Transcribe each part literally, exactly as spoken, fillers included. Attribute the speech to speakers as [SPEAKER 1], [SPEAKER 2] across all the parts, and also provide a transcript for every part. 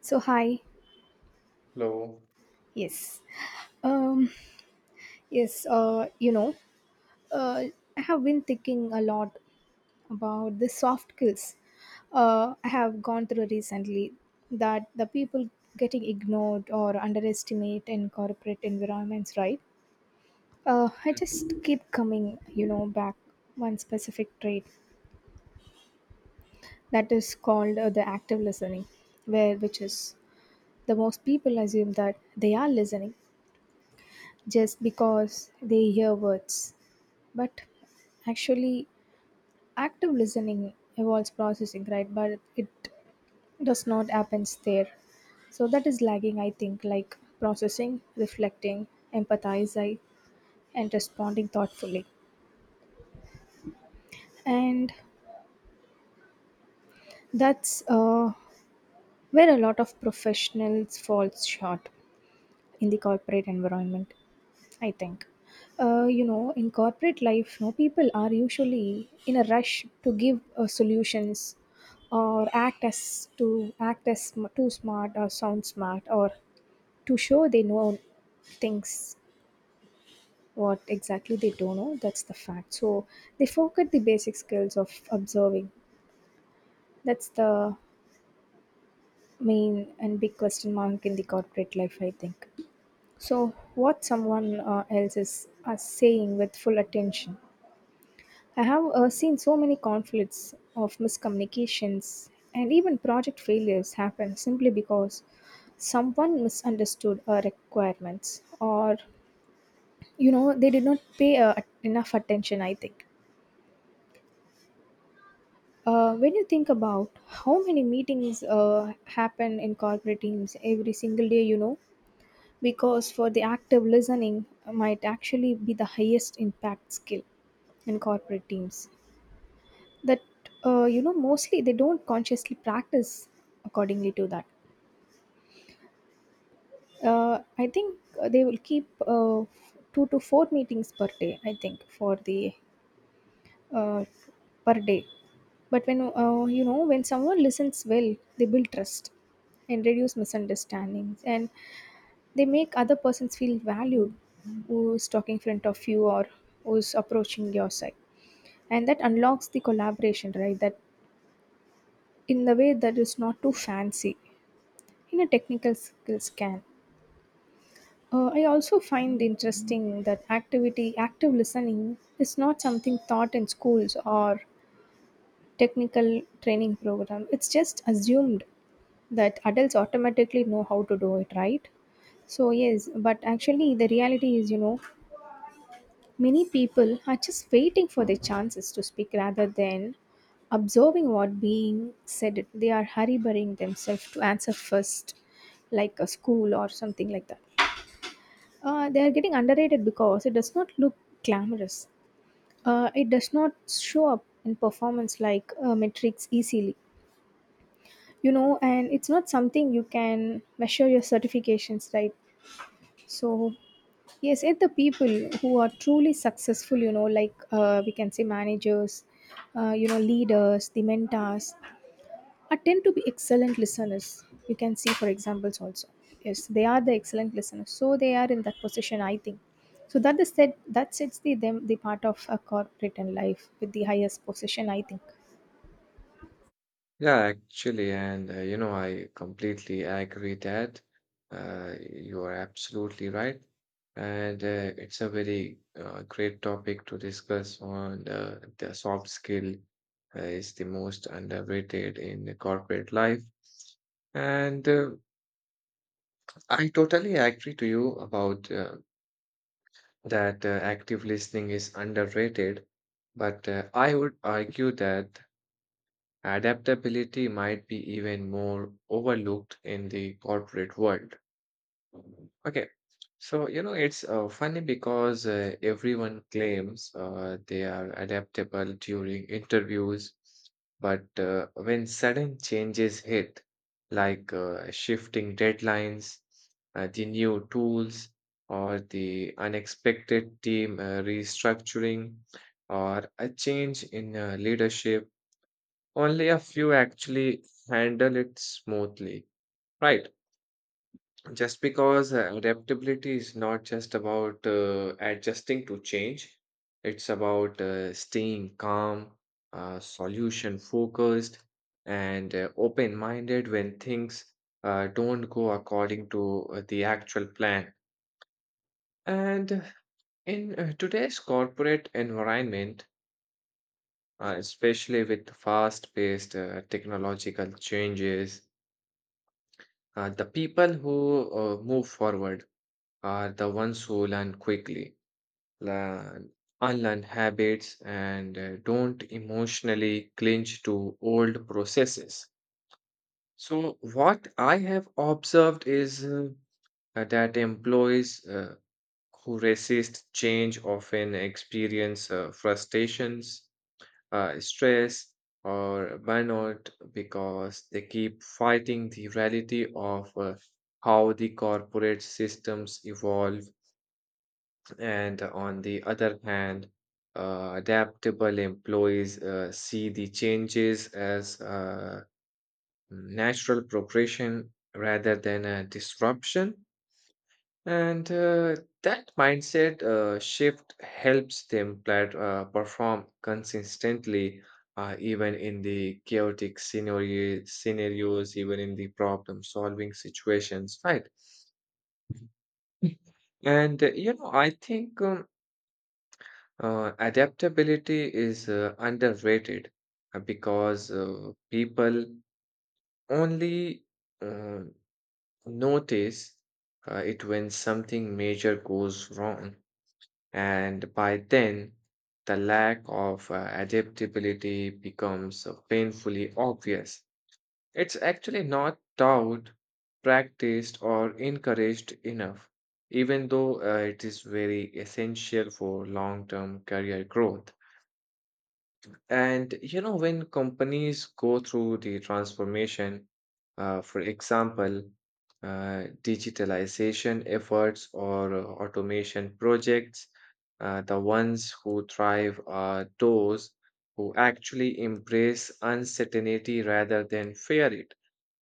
[SPEAKER 1] So hi,
[SPEAKER 2] Hello.
[SPEAKER 1] yes, um, yes, uh, you know, uh, I have been thinking a lot about the soft skills. Uh, I have gone through recently that the people getting ignored or underestimate in corporate environments, right? Uh, I just keep coming, you know, back one specific trait that is called uh, the active listening, where which is the most people assume that they are listening just because they hear words but actually active listening involves processing, right, but it does not happen there. So that is lagging, I think, like processing, reflecting, empathizing, and responding thoughtfully. And that's uh, where a lot of professionals falls short in the corporate environment, I think. Uh, you know, in corporate life, no, people are usually in a rush to give uh, solutions or act as to act as sm- too smart or sound smart or to show they know things what exactly they don't know. That's the fact. So they forget the basic skills of observing. That's the main and big question mark in the corporate life, I think. So what someone uh, else is uh, saying with full attention. I have uh, seen so many conflicts of miscommunications and even project failures happen simply because someone misunderstood our requirements, or you know they did not pay uh, enough attention, I think. Uh, when you think about how many meetings uh, happen in corporate teams every single day, you know, because for the active listening might actually be the highest impact skill in corporate teams. That uh, you know mostly they don't consciously practice accordingly to that. uh, I think uh, they will keep uh, two to four meetings per day, I think, for the uh, per day. But when uh, you know when someone listens well, they build trust and reduce misunderstandings, and they make other persons feel valued, who's talking in front of you or who's approaching your side. And that unlocks the collaboration, right, that in the way that is not too fancy in a technical skills can. Uh, I also find interesting that activity, active listening, is not something taught in schools or technical training program. It's just assumed that adults automatically know how to do it, right? So yes, but actually the reality is, you know, many people are just waiting for their chances to speak rather than observing what being said. They are hurrying themselves to answer first, like a school or something like that. Uh, they are getting underrated because it does not look glamorous. Uh, it does not show up in performance like uh, metrics easily, you know, and it's not something you can measure your certifications, right? So, yes, it's the people who are truly successful, you know, like uh, we can say managers, uh, you know, leaders, the mentors, are tend to be excellent listeners. You can see, for examples, also. Yes, they are the excellent listeners. So they are in that position, I think. So that is said, that sets the them the part of a corporate and life with the highest position, I think.
[SPEAKER 2] Yeah, actually, and uh, you know, I completely agree that uh, you are absolutely right. And uh, it's a very uh, great topic to discuss on uh, the soft skill uh, is the most underrated in the corporate life. And uh, I totally agree to you about uh, that uh, active listening is underrated, but uh, I would argue that adaptability might be even more overlooked in the corporate world. Okay, so you know, it's uh, funny because uh, everyone claims uh, they are adaptable during interviews, but uh, when sudden changes hit, like uh, shifting deadlines, uh, the new tools, or the unexpected team uh, restructuring, or a change in uh, leadership, only a few actually handle it smoothly, right? Just because uh, adaptability is not just about uh, adjusting to change, it's about uh, staying calm, uh, solution focused, and uh, open minded when things uh, don't go according to uh, the actual plan. And in uh, today's corporate environment, uh, especially with fast paced uh, technological changes, Uh, the people who uh, move forward are the ones who learn quickly, learn, unlearn habits, and uh, don't emotionally clinch to old processes. So, what I have observed is uh, uh, that employees uh, who resist change often experience uh, frustrations, uh, stress, or burnout because they keep fighting the reality of uh, how the corporate systems evolve. And on the other hand, uh, adaptable employees uh, see the changes as uh, natural progression rather than a disruption. And uh, that mindset uh, shift helps them plat- uh, perform consistently, uh, even in the chaotic scenario- scenarios, even in the problem-solving situations, right? And uh, you know, I think um, uh, adaptability is uh, underrated uh, because uh, people only uh, notice uh, it when something major goes wrong. And by then, the lack of uh, adaptability becomes uh, painfully obvious. It's actually not taught, practiced, or encouraged enough, even though uh, it is very essential for long term career growth. And you know, when companies go through the transformation, uh, for example, uh, digitalization efforts or uh, automation projects, uh, the ones who thrive are those who actually embrace uncertainty rather than fear it.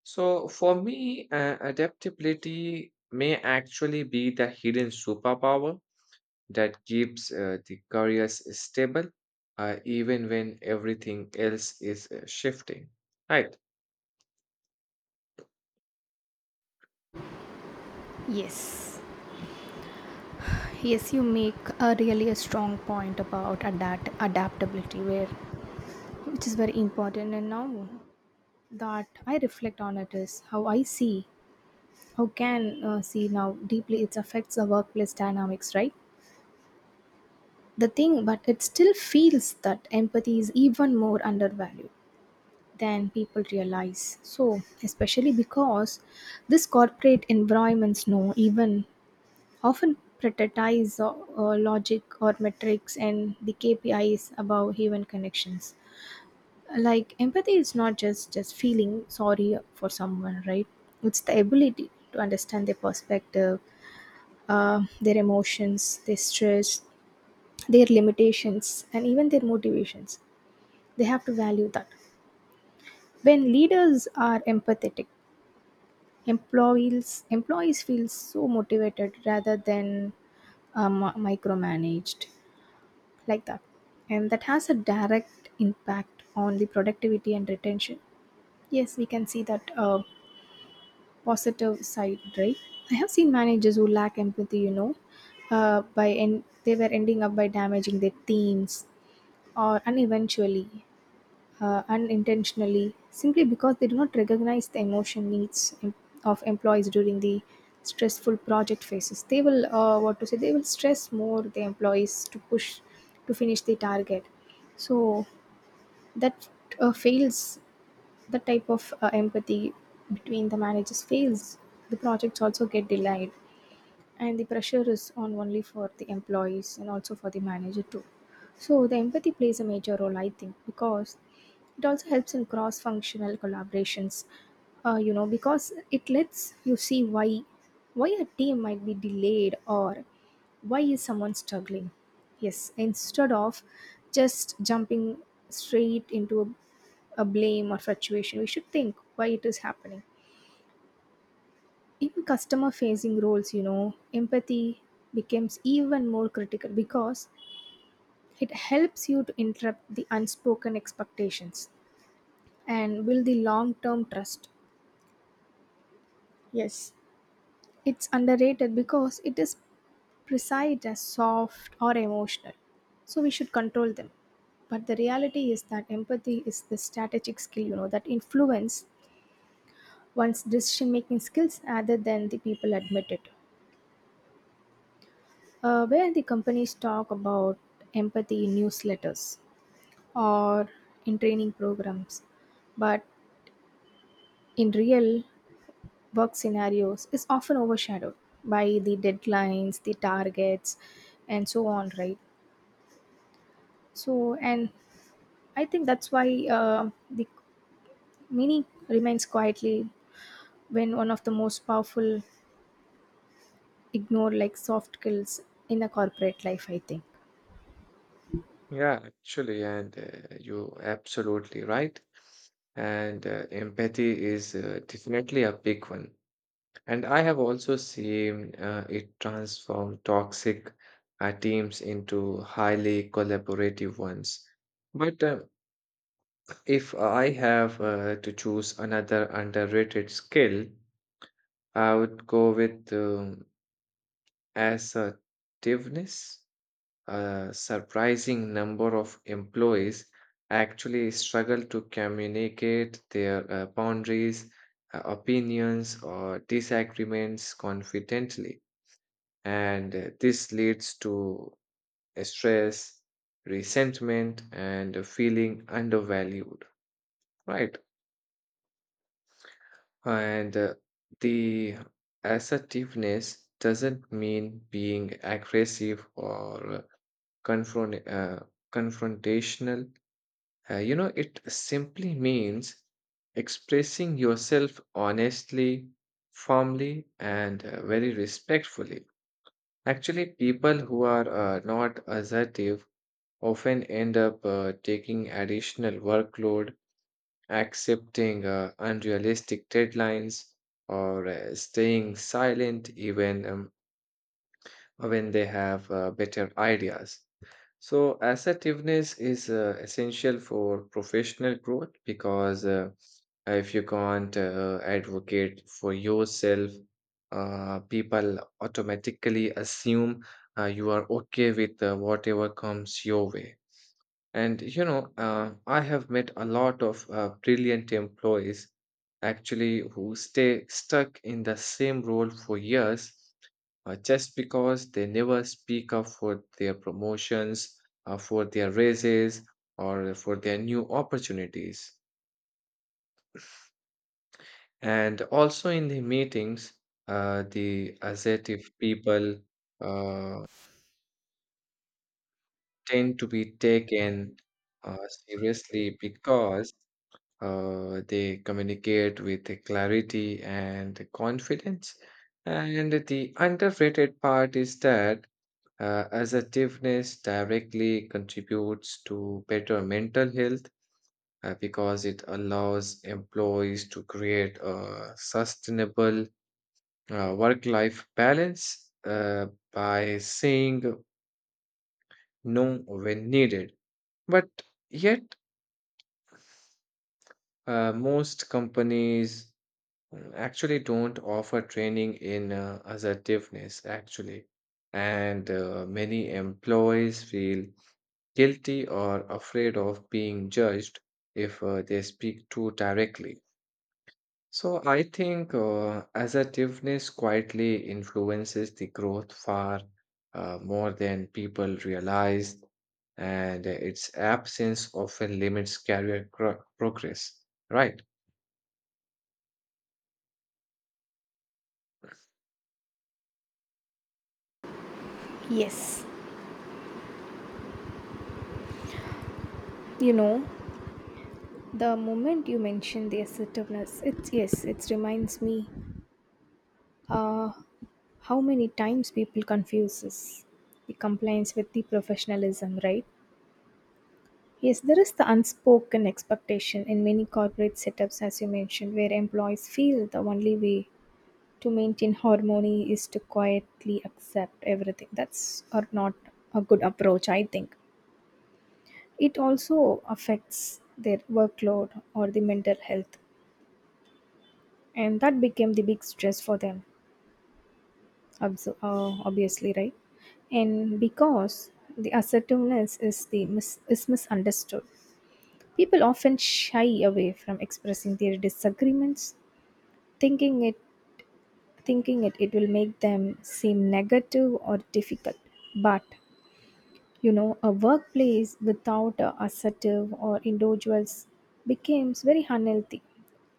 [SPEAKER 2] So, for me, uh, adaptability may actually be the hidden superpower that keeps uh, the careers stable, uh, even when everything else is uh, shifting. Right.
[SPEAKER 1] Yes, yes, you make a really a strong point about adapt adaptability, where which is very important. And now that I reflect on it is how I see, how can uh, see now deeply it affects the workplace dynamics, right? The thing but it still feels that empathy is even more undervalued than people realize, so especially because this corporate environments know even often prioritize uh, uh, logic or metrics and the kpis above human connections. Like, empathy is not just just feeling sorry for someone, right? It's the ability to understand their perspective, uh, their emotions, their stress, their limitations, and even their motivations. They have to value that. When leaders are empathetic, employees employees feel so motivated rather than um, micromanaged like that, and that has a direct impact on the productivity and retention. Yes, we can see that uh, positive side, right? I have seen managers who lack empathy, you know, uh, by en- they were ending up by damaging their teams or and eventually uh, unintentionally simply because they do not recognize the emotion needs em- of employees during the stressful project phases. They will uh, what to say, they will stress more the employees to push to finish the target. So that uh, fails. The type of uh, empathy between the managers fails, the projects also get delayed, and the pressure is on only for the employees and also for the manager too. So the empathy plays a major role, I think, because it also helps in cross functional collaborations. uh, you know because it lets you see why, why a team might be delayed or why is someone struggling. Yes, instead of just jumping straight into a, a blame or fluctuation, we should think why it is happening. In customer facing roles, you know, empathy becomes even more critical because it helps you to interrupt the unspoken expectations and build the long term trust. Yes, it's underrated because it is precise as soft or emotional, so we should control them. But the reality is that empathy is the strategic skill, you know, that influence one's decision making skills rather than the people admit it. uh, where the companies talk about empathy in newsletters or in training programs, but in real work scenarios is often overshadowed by the deadlines, the targets, and so on, right? So, and I think that's why uh, the meaning remains quietly when one of the most powerful ignored like soft skills in a corporate life, I think.
[SPEAKER 2] Yeah, actually, and uh, you're absolutely right. And uh, empathy is uh, definitely a big one. And I have also seen uh, it transform toxic uh, teams into highly collaborative ones. But uh, if I have uh, to choose another underrated skill, I would go with um, assertiveness. A surprising number of employees actually struggle to communicate their uh, boundaries, uh, opinions, or disagreements confidently. And uh, this leads to stress, resentment, and a feeling undervalued, right? And uh, the assertiveness doesn't mean being aggressive or confront, uh, confrontational. Uh, you know, it simply means expressing yourself honestly, firmly, and uh, very respectfully. Actually, people who are uh, not assertive often end up uh, taking additional workload, accepting uh, unrealistic deadlines, or uh, staying silent even um, when they have uh, better ideas. So, assertiveness is uh, essential for professional growth because uh, if you can't uh, advocate for yourself, uh, people automatically assume uh, you are okay with uh, whatever comes your way. And you know, uh, I have met a lot of uh, brilliant employees actually who stay stuck in the same role for years uh, just because they never speak up for their promotions, uh, for their raises, or for their new opportunities. And also in the meetings, uh, the assertive people uh, tend to be taken uh, seriously because Uh, they communicate with a clarity and a confidence. And the underrated part is that uh, assertiveness directly contributes to better mental health uh, because it allows employees to create a sustainable uh, work life balance uh, by saying no when needed. But yet, uh, most companies Mm, actually don't offer training in uh, assertiveness, actually, and uh, many employees feel guilty or afraid of being judged if uh, they speak too directly. So I think uh, assertiveness quietly influences the growth far uh, more than people realize, and its absence often limits career cro- progress, right?
[SPEAKER 1] Yes, you know the moment you mention the assertiveness, it's yes, it reminds me uh, how many times people confuses the compliance with the professionalism, right? Yes, there is the unspoken expectation in many corporate setups, as you mentioned, where employees feel the only way to maintain harmony is to quietly accept everything. That's or not a good approach, I think. It also affects their workload or the mental health, and that became the big stress for them, obs- uh, obviously, right? And because the assertiveness is the mis- is misunderstood, people often shy away from expressing their disagreements, thinking it thinking it, it will make them seem negative or difficult. But you know, a workplace without a assertive or individuals becomes very unhealthy.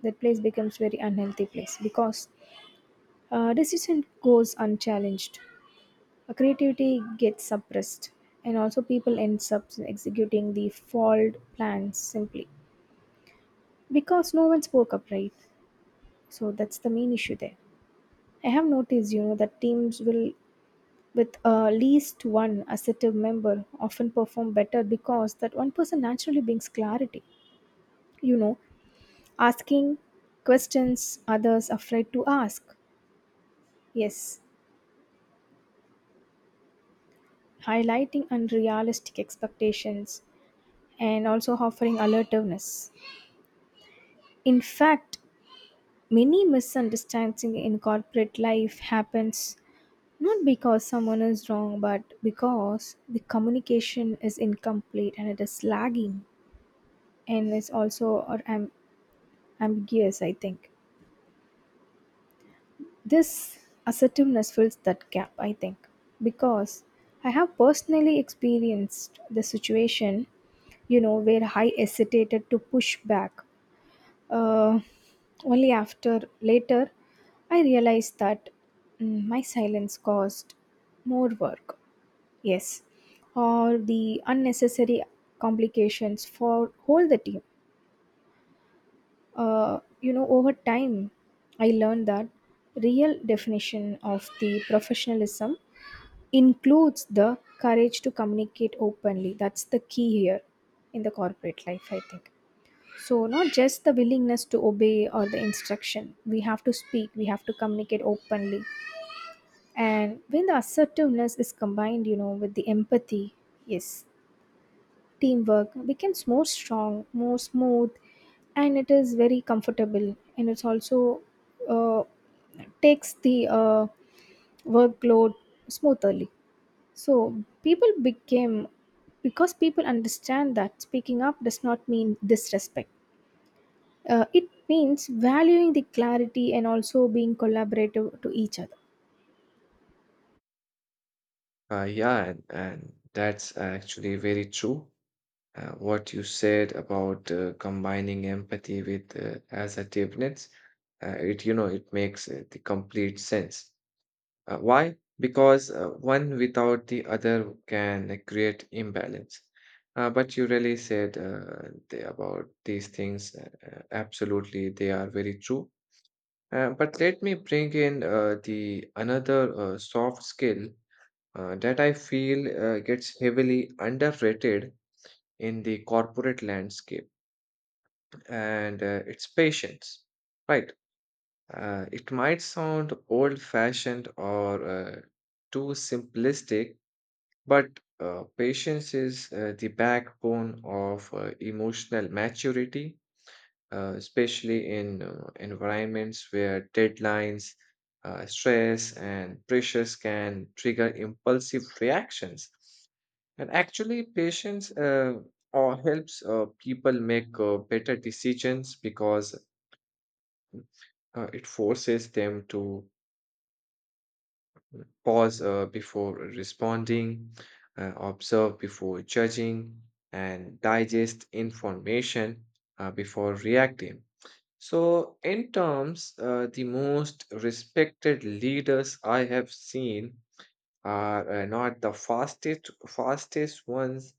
[SPEAKER 1] That place becomes very unhealthy place because uh, decision goes unchallenged. Uh, Creativity gets suppressed, and also people end up executing the flawed plans simply because no one spoke up, right? So that's the main issue there. I have noticed, you know, that teams will with uh, least one assertive member often perform better because that one person naturally brings clarity. You know, asking questions others are afraid to ask. Yes, highlighting unrealistic expectations and also offering alertiveness. In fact, many misunderstandings in corporate life happens not because someone is wrong but because the communication is incomplete and it is lagging and is also or am- ambiguous, I think. This assertiveness fills that gap, I think, because I have personally experienced the situation, you know, where I hesitated to push back. Uh, only after later I realized that mm, my silence caused more work. Yes, all the unnecessary complications for whole the team. Uh, you know, over time, I learned that real definition of the professionalism includes the courage to communicate openly. That's the key here in the corporate life, I think. So, not just the willingness to obey or the instruction, we have to speak, we have to communicate openly. And when the assertiveness is combined, you know, with the empathy, yes, teamwork becomes more strong, more smooth, and it is very comfortable. And it's also uh, takes the uh, workload smoothly. So, people became because people understand that speaking up does not mean disrespect. Uh, it means valuing the clarity and also being collaborative to each other.
[SPEAKER 2] Uh, yeah, and, and that's actually very true. Uh, what you said about uh, combining empathy with uh, assertiveness, uh, it, you know, it makes uh, the complete sense. Uh, why? Because uh, one without the other can uh, create imbalance. Uh, but you really said uh, the, about these things. Uh, uh, absolutely, they are very true. Uh, but let me bring in uh, the another uh, soft skill uh, that I feel uh, gets heavily underrated in the corporate landscape, and uh, it's patience, right? Uh, it might sound old fashioned or uh, too simplistic, but uh, patience is uh, the backbone of uh, emotional maturity, uh, especially in uh, environments where deadlines, uh, stress, and pressures can trigger impulsive reactions. And actually, patience uh, or helps uh, people make uh, better decisions because uh, it forces them to pause uh, before responding, uh, observe before judging, and digest information uh, before reacting. So, in terms, uh, the most respected leaders I have seen are uh, not the fastest fastest ones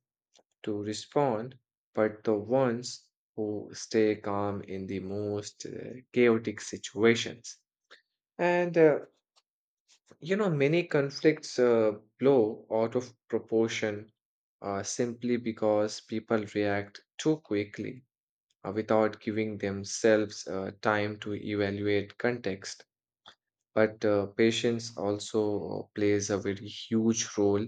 [SPEAKER 2] to respond, but the ones who stay calm in the most uh, chaotic situations. And uh, you know, Many conflicts uh, blow out of proportion uh, simply because people react too quickly uh, without giving themselves uh, time to evaluate context. But uh, patience also uh, plays a very huge role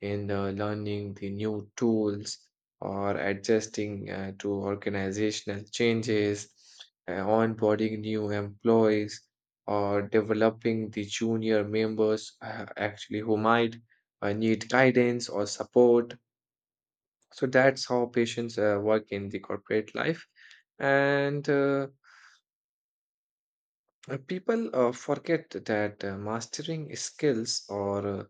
[SPEAKER 2] in uh, learning the new tools or adjusting uh, to organizational changes, uh, onboarding new employees, or developing the junior members uh, actually who might uh, need guidance or support. So that's how patients uh, work in the corporate life. And uh, uh, People uh, forget that uh, mastering skills or uh,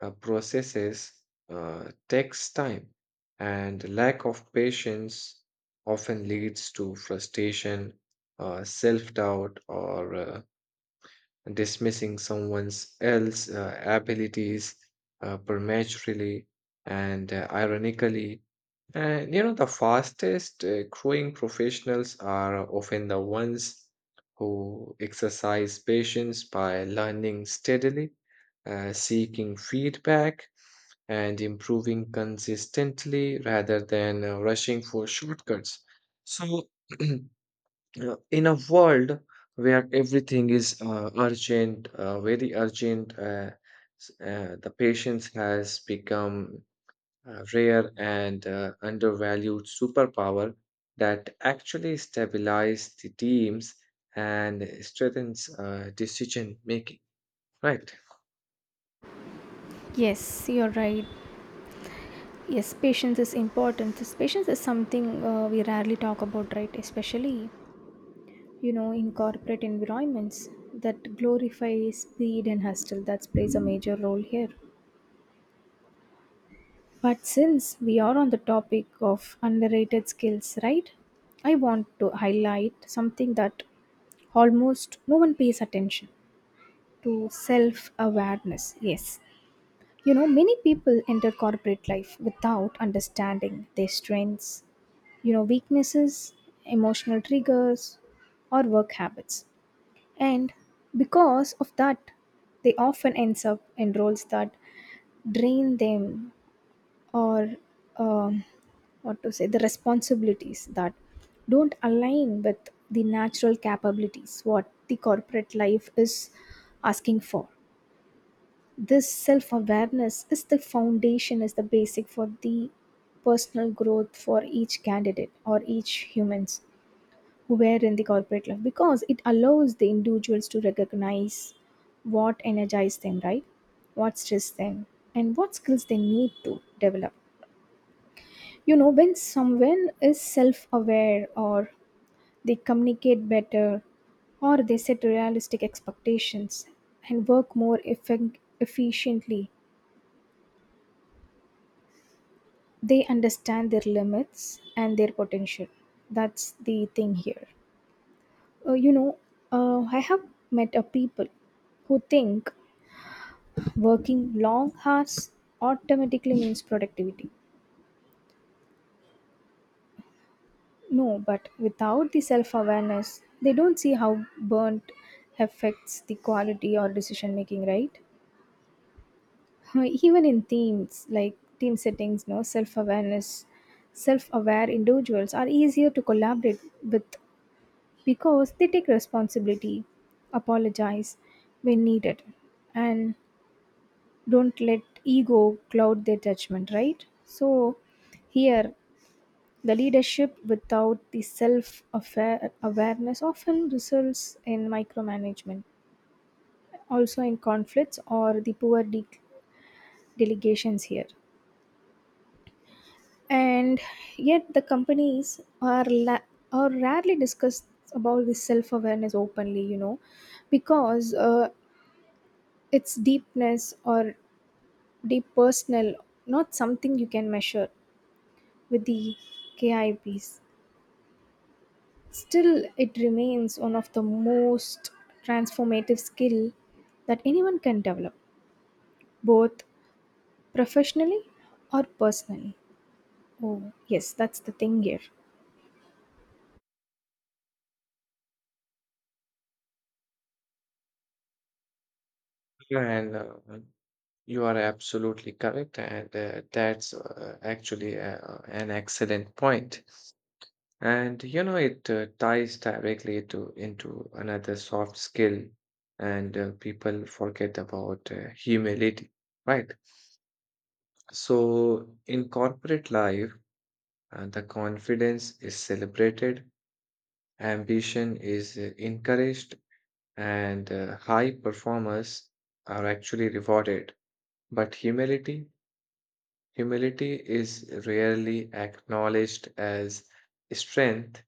[SPEAKER 2] uh, processes uh, takes time, and lack of patience often leads to frustration, uh, self doubt, or uh, dismissing someone's else uh, abilities uh, prematurely. And uh, ironically, And you know, the fastest uh, growing professionals are often the ones who exercise patience by learning steadily, uh, seeking feedback, and improving consistently rather than uh, rushing for shortcuts. So, uh, in a world where everything is uh, urgent, uh, very urgent, uh, s- uh, the patience has become a rare and uh, undervalued superpower that actually stabilizes the teams and strengthens uh, decision making. Right.
[SPEAKER 1] Yes, you're right. Yes, patience is important. This patience is something uh, we rarely talk about, right? Especially, you know, in corporate environments that glorify speed and hustle. That plays a major role here. But since we are on the topic of underrated skills, right? I want to highlight something that almost no one pays attention to self awareness. Yes, you know, many people enter corporate life without understanding their strengths, you know, weaknesses, emotional triggers, or work habits. And because of that, they often ends up in roles that drain them or um, what to say, the responsibilities that don't align with the natural capabilities what the corporate life is asking for. This self awareness is the foundation, is the basic for the personal growth for each candidate or each humans who were in the corporate life, because it allows the individuals to recognize what energizes them, right? What stresses them and what skills they need to develop. You know, when someone is self aware, or they communicate better, or they set realistic expectations and work more effec- efficiently. They understand their limits and their potential. That's the thing here. uh, you know uh, I have met a people who think working long hours automatically means productivity. No, but without the self awareness, they don't see how burnt affects the quality or decision making, right? Uh, even in teams, like team settings, no self awareness. Self aware individuals are easier to collaborate with, because they take responsibility, apologize when needed, and don't let ego cloud their judgment, right? So, here, the leadership without the self awareness often results in micromanagement, also in conflicts or the poor de- delegations here. And yet, the companies are, la- are rarely discussed about the self awareness openly, you know, because uh, it's deepness or deep personal, not something you can measure with the K I Ps. Still, it remains one of the most transformative skill that anyone can develop, both professionally or personally. Oh, yes, that's the thing here.
[SPEAKER 2] And uh, You are absolutely correct. And uh, that's uh, actually uh, an excellent point. And you know, it uh, ties directly to into another soft skill, and uh, people forget about uh, humility, right? So, in corporate life, Uh, the confidence is celebrated, ambition is uh, encouraged, and uh, high performers are actually rewarded. But humility, humility is rarely acknowledged as strength,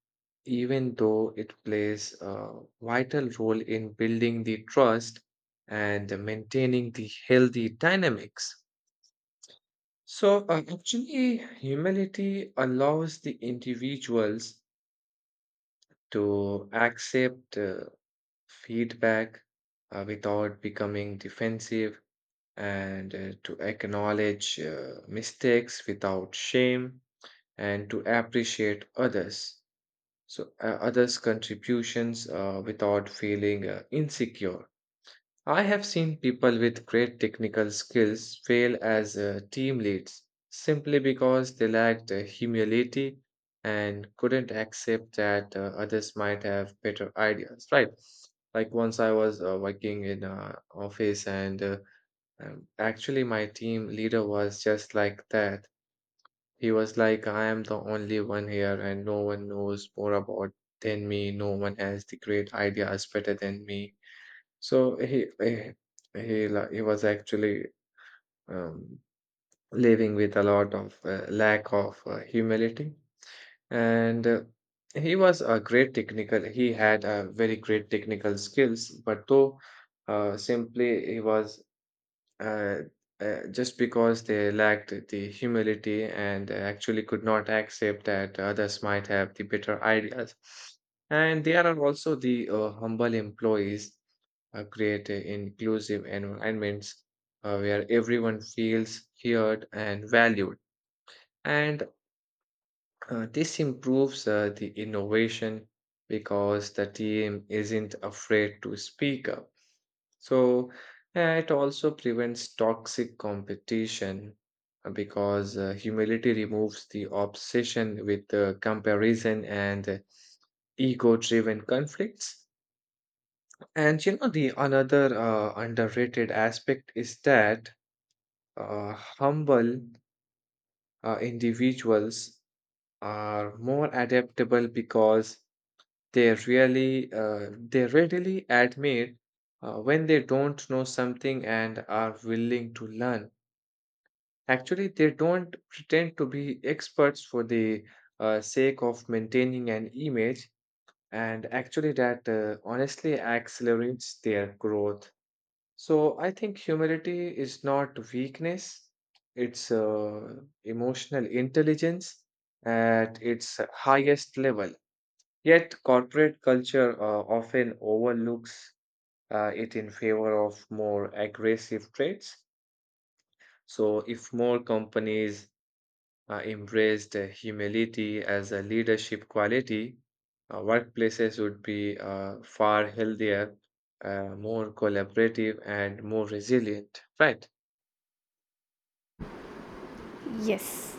[SPEAKER 2] even though it plays a vital role in building the trust and maintaining the healthy dynamics. So, uh, actually, humility allows the individuals to accept uh, feedback uh, without becoming defensive and uh, to acknowledge uh, mistakes without shame and to appreciate others, so uh, others' contributions uh, without feeling uh, insecure. I have seen people with great technical skills fail as uh, team leads simply because they lacked uh, humility and couldn't accept that uh, others might have better ideas, right? Like once I was uh, working in an office, and uh, um, actually, my team leader was just like that. He was like, I am the only one here, and no one knows more about than me. No one has the great ideas better than me. So he he he, la- he was actually um, living with a lot of uh, lack of uh, humility, and uh, he was a great technical. He had a very great technical skills, but though uh, simply he was uh, uh, just because they lacked the humility and actually could not accept that others might have the better ideas. And there are also the uh, humble employees uh, create uh, inclusive environments uh, where everyone feels heard and valued. And uh, this improves uh, the innovation because the team isn't afraid to speak up. So uh, it also prevents toxic competition uh, because uh, humility removes the obsession with uh, comparison and uh, ego-driven conflicts. And you know, the another uh, underrated aspect is that Uh, humble uh, individuals are more adaptable because they really uh, they readily admit uh, when they don't know something and are willing to learn. Actually, they don't pretend to be experts for the uh, sake of maintaining an image, and actually that uh, honestly accelerates their growth. So I think humility is not weakness, it's uh, emotional intelligence at its highest level. Yet corporate culture uh, often overlooks uh, it in favor of more aggressive traits. So if more companies uh, embraced uh, humility as a leadership quality, uh, workplaces would be uh, far healthier, uh, more collaborative, and more resilient, right?
[SPEAKER 1] Yes.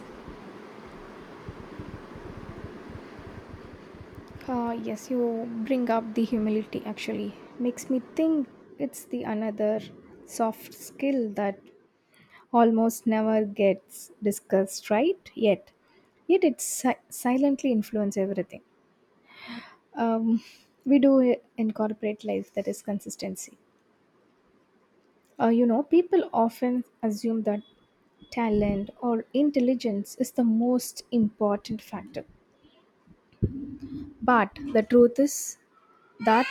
[SPEAKER 1] Uh, yes, you bring up the humility actually. Makes me think it's the another soft skill that almost never gets discussed, right? Yet yet it si- silently influences everything um, we do i- in corporate life, that is consistency. Uh, you know, people often assume that talent or intelligence is the most important factor, but the truth is that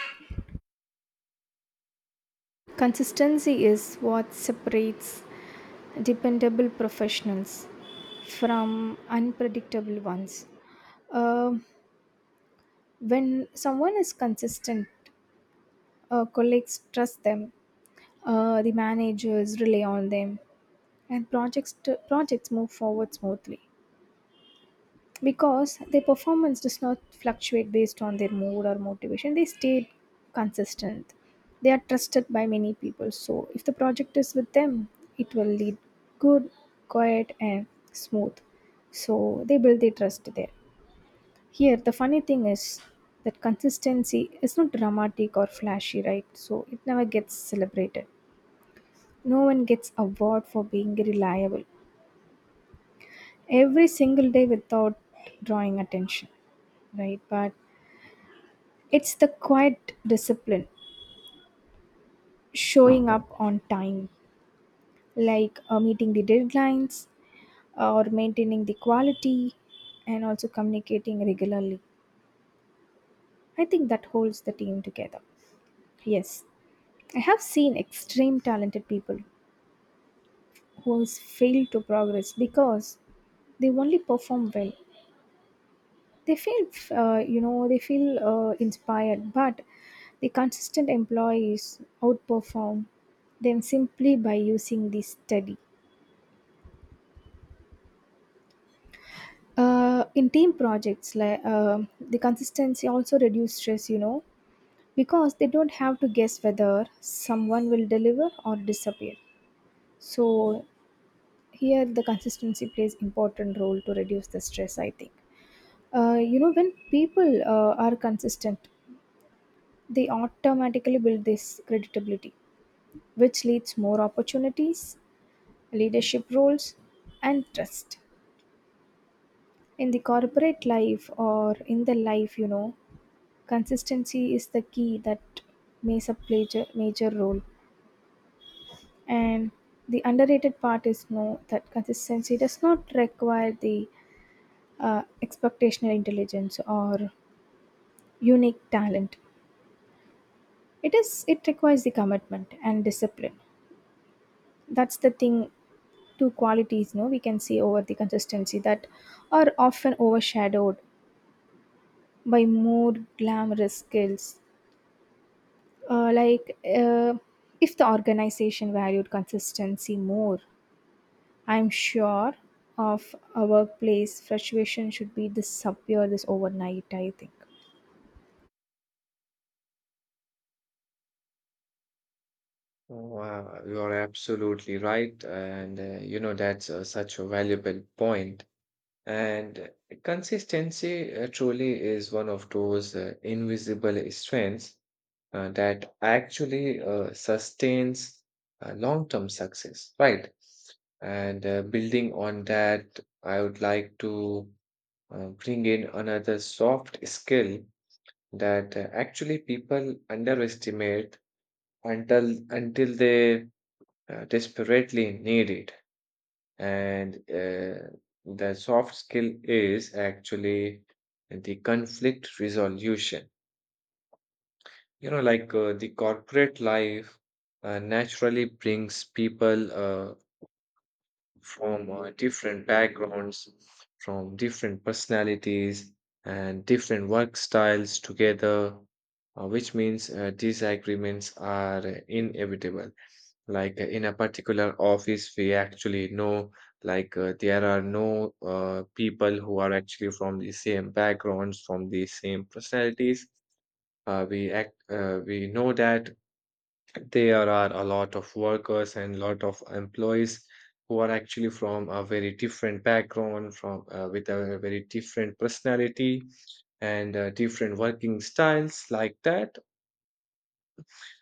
[SPEAKER 1] consistency is what separates dependable professionals from unpredictable ones. Um when someone is consistent, uh, colleagues trust them, uh, the managers rely on them, and projects t- projects move forward smoothly because their performance does not fluctuate based on their mood or motivation. They stay consistent. They are trusted by many people. So if the project is with them, it will lead good, quiet, and smooth. So they build their trust there. Here, the funny thing is that consistency is not dramatic or flashy, right? So it never gets celebrated. No one gets award for being reliable every single day without drawing attention, right? But it's the quiet discipline, showing up on time, like uh, meeting the deadlines uh, or maintaining the quality, and also communicating regularly. I think that holds the team together. Yes, I have seen extreme talented people was failed to progress because they only perform well they feel, uh, you know they feel uh, inspired, but the consistent employees outperform them simply by using the study. Uh, in team projects, like uh, the consistency also reduce stress, you know, because they don't have to guess whether someone will deliver or disappear. So here the consistency plays important role to reduce the stress, I think. Uh, you know, when people uh, are consistent, they automatically build this credibility, which leads more opportunities, leadership roles, and trust. In the corporate life or in the life, you know, consistency is the key that plays a major, major role. And the underrated part is know that consistency does not require the uh, expectational intelligence or unique talent. It is it requires the commitment and discipline. That's the thing, two qualities, no, we can see over the consistency that are often overshadowed by more glamorous skills. Uh, like, uh, if the organization valued consistency more, I'm sure of a workplace frustration should be disappear this overnight. I think.
[SPEAKER 2] Wow, you are absolutely right. And, uh, you know, that's uh, such a valuable point. And uh, consistency uh, truly is one of those uh, invisible strengths uh, that actually uh, sustains uh, long-term success, right? And uh, building on that, I would like to uh, bring in another soft skill that uh, actually people underestimate until until they uh, desperately needed. And uh, the soft skill is actually the conflict resolution. You know, like uh, the corporate life uh, naturally brings people uh, from uh, different backgrounds, from different personalities, and different work styles together, uh, which means uh, disagreements are inevitable. Like uh, in a particular office we actually know, like uh, there are no uh, people who are actually from the same backgrounds, from the same personalities. Uh, we act uh, we know that there are a lot of workers and a lot of employees who are actually from a very different background, from uh, with a very different personality and uh, different working styles like that.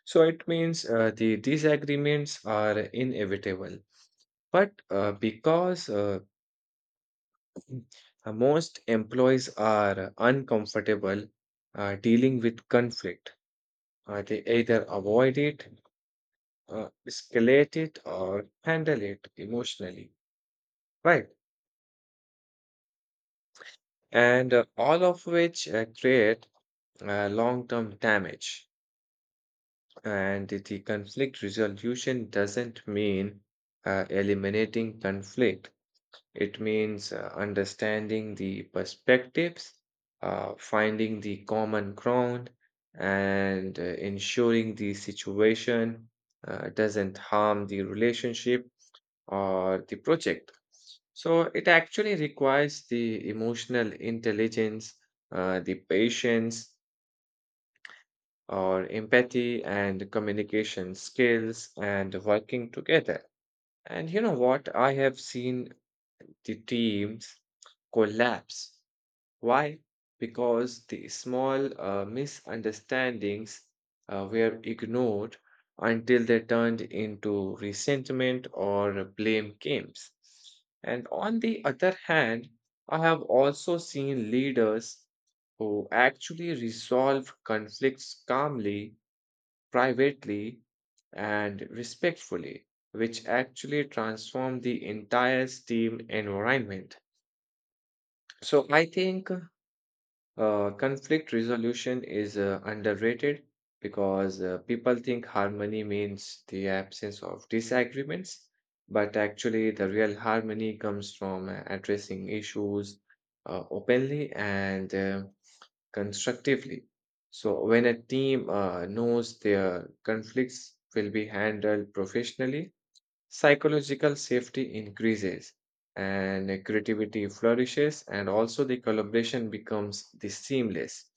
[SPEAKER 2] So it means uh, the disagreements are inevitable. But uh, because uh, uh, most employees are uncomfortable uh, dealing with conflict, uh, they either avoid it, uh, escalate it, or handle it emotionally, right? And uh, all of which uh, create uh, long term damage. And the conflict resolution doesn't mean uh, eliminating conflict. It means uh, understanding the perspectives, uh, finding the common ground, and uh, ensuring the situation uh, doesn't harm the relationship or the project. So it actually requires the emotional intelligence, uh, the patience or empathy and communication skills and working together. And you know what? I have seen the teams collapse. Why? Because the small uh, misunderstandings uh, were ignored until they turned into resentment or blame games. And on the other hand, I have also seen leaders who actually resolve conflicts calmly, privately, and respectfully, which actually transform the entire team environment. So I think uh, conflict resolution is uh, underrated because uh, people think harmony means the absence of disagreements, but actually, the real harmony comes from uh, addressing issues uh, openly and uh, constructively. So, when a team uh, knows their conflicts will be handled professionally, psychological safety increases and creativity flourishes and also the collaboration becomes the seamless.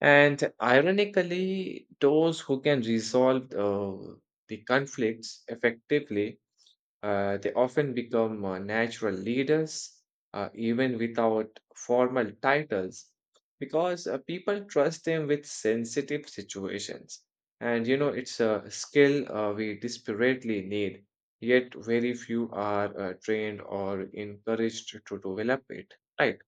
[SPEAKER 2] And ironically those who can resolve uh, the conflicts effectively uh, they often become uh, natural leaders, uh, even without formal titles, because uh, people trust them with sensitive situations. And you know, it's a skill uh, we desperately need, yet very few are uh, trained or encouraged to develop it. Right.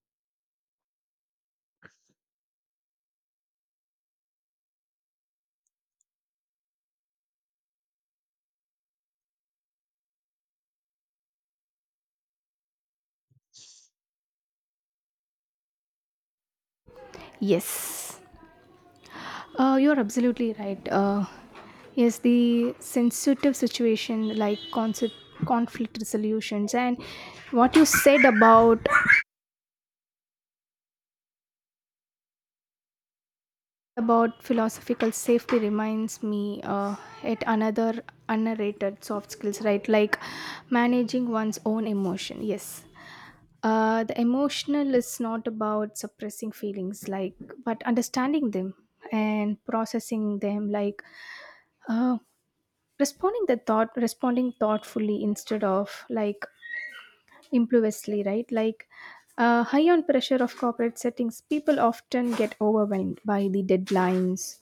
[SPEAKER 1] Yes. Uh, you're absolutely right. Uh, yes, the sensitive situation, like concept, conflict resolutions, and what you said about about philosophical safety reminds me uh, at another underrated soft skills, right? Like managing one's own emotion. Yes. Uh, the emotional is not about suppressing feelings, like, but understanding them and processing them, like, uh, responding the thought responding thoughtfully instead of, like, impulsively, right? Like, uh, high on pressure of corporate settings, people often get overwhelmed by the deadlines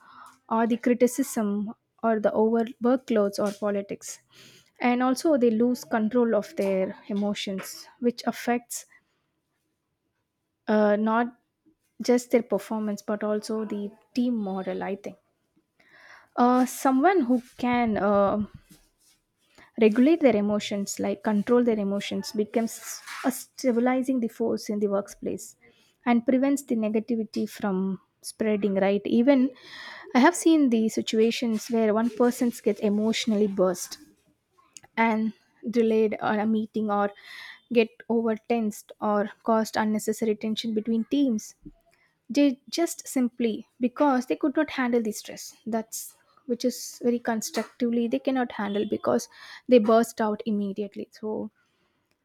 [SPEAKER 1] or the criticism or the over workloads or politics, and also they lose control of their emotions, which affects, uh, not just their performance but also the team morale. I think uh, someone who can, uh, regulate their emotions, like control their emotions, becomes a stabilizing the force in the workplace and prevents the negativity from spreading, right? Even I have seen the situations where one person gets emotionally burst and delayed on a meeting, or get over tensed, or caused unnecessary tension between teams, they just simply because they could not handle the stress. That's which is very constructively they cannot handle because they burst out immediately. So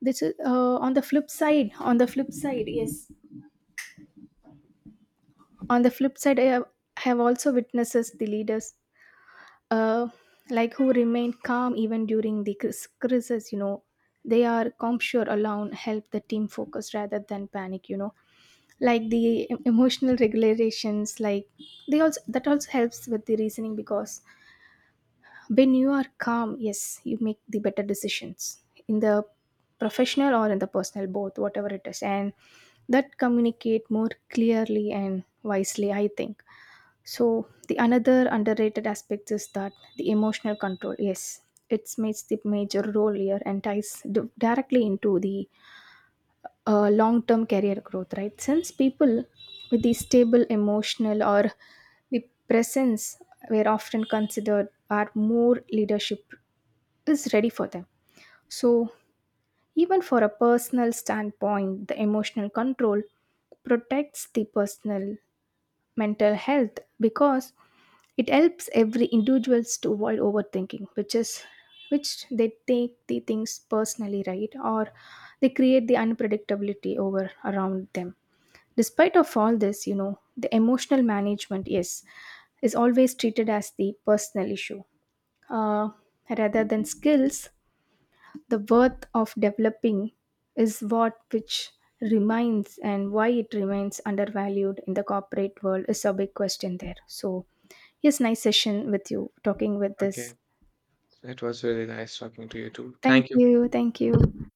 [SPEAKER 1] this is, uh, on the flip side. On the flip side, yes. On the flip side, I have, have also witnesses the leaders, uh, like, who remain calm even during the cris- crisis, you know. They are sure alone help the team focus rather than panic, you know, like the em- emotional regulations, like they also that also helps with the reasoning, because when you are calm, yes, you make the better decisions in the professional or in the personal, both, whatever it is, and that communicate more clearly and wisely, I think. So the another underrated aspect is that the emotional control. Yes, it makes the major role here and ties d- directly into the uh, long-term career growth, right? Since people with the stable emotional or the presence were often considered are more leadership is ready for them. So even for a personal standpoint, the emotional control protects the personal mental health, because it helps every individuals to avoid overthinking, which is which they take the things personally, right? Or they create the unpredictability over around them. Despite of all this, you know, the emotional management, yes, is always treated as the personal issue, uh, rather than skills the worth of developing is what which remains, and why it remains undervalued in the corporate world is a big question there. So, yes, nice session with you talking with
[SPEAKER 2] Okay,
[SPEAKER 1] this.
[SPEAKER 2] it was really nice talking to you too.
[SPEAKER 1] Thank
[SPEAKER 2] Thank you.
[SPEAKER 1] you. Thank you.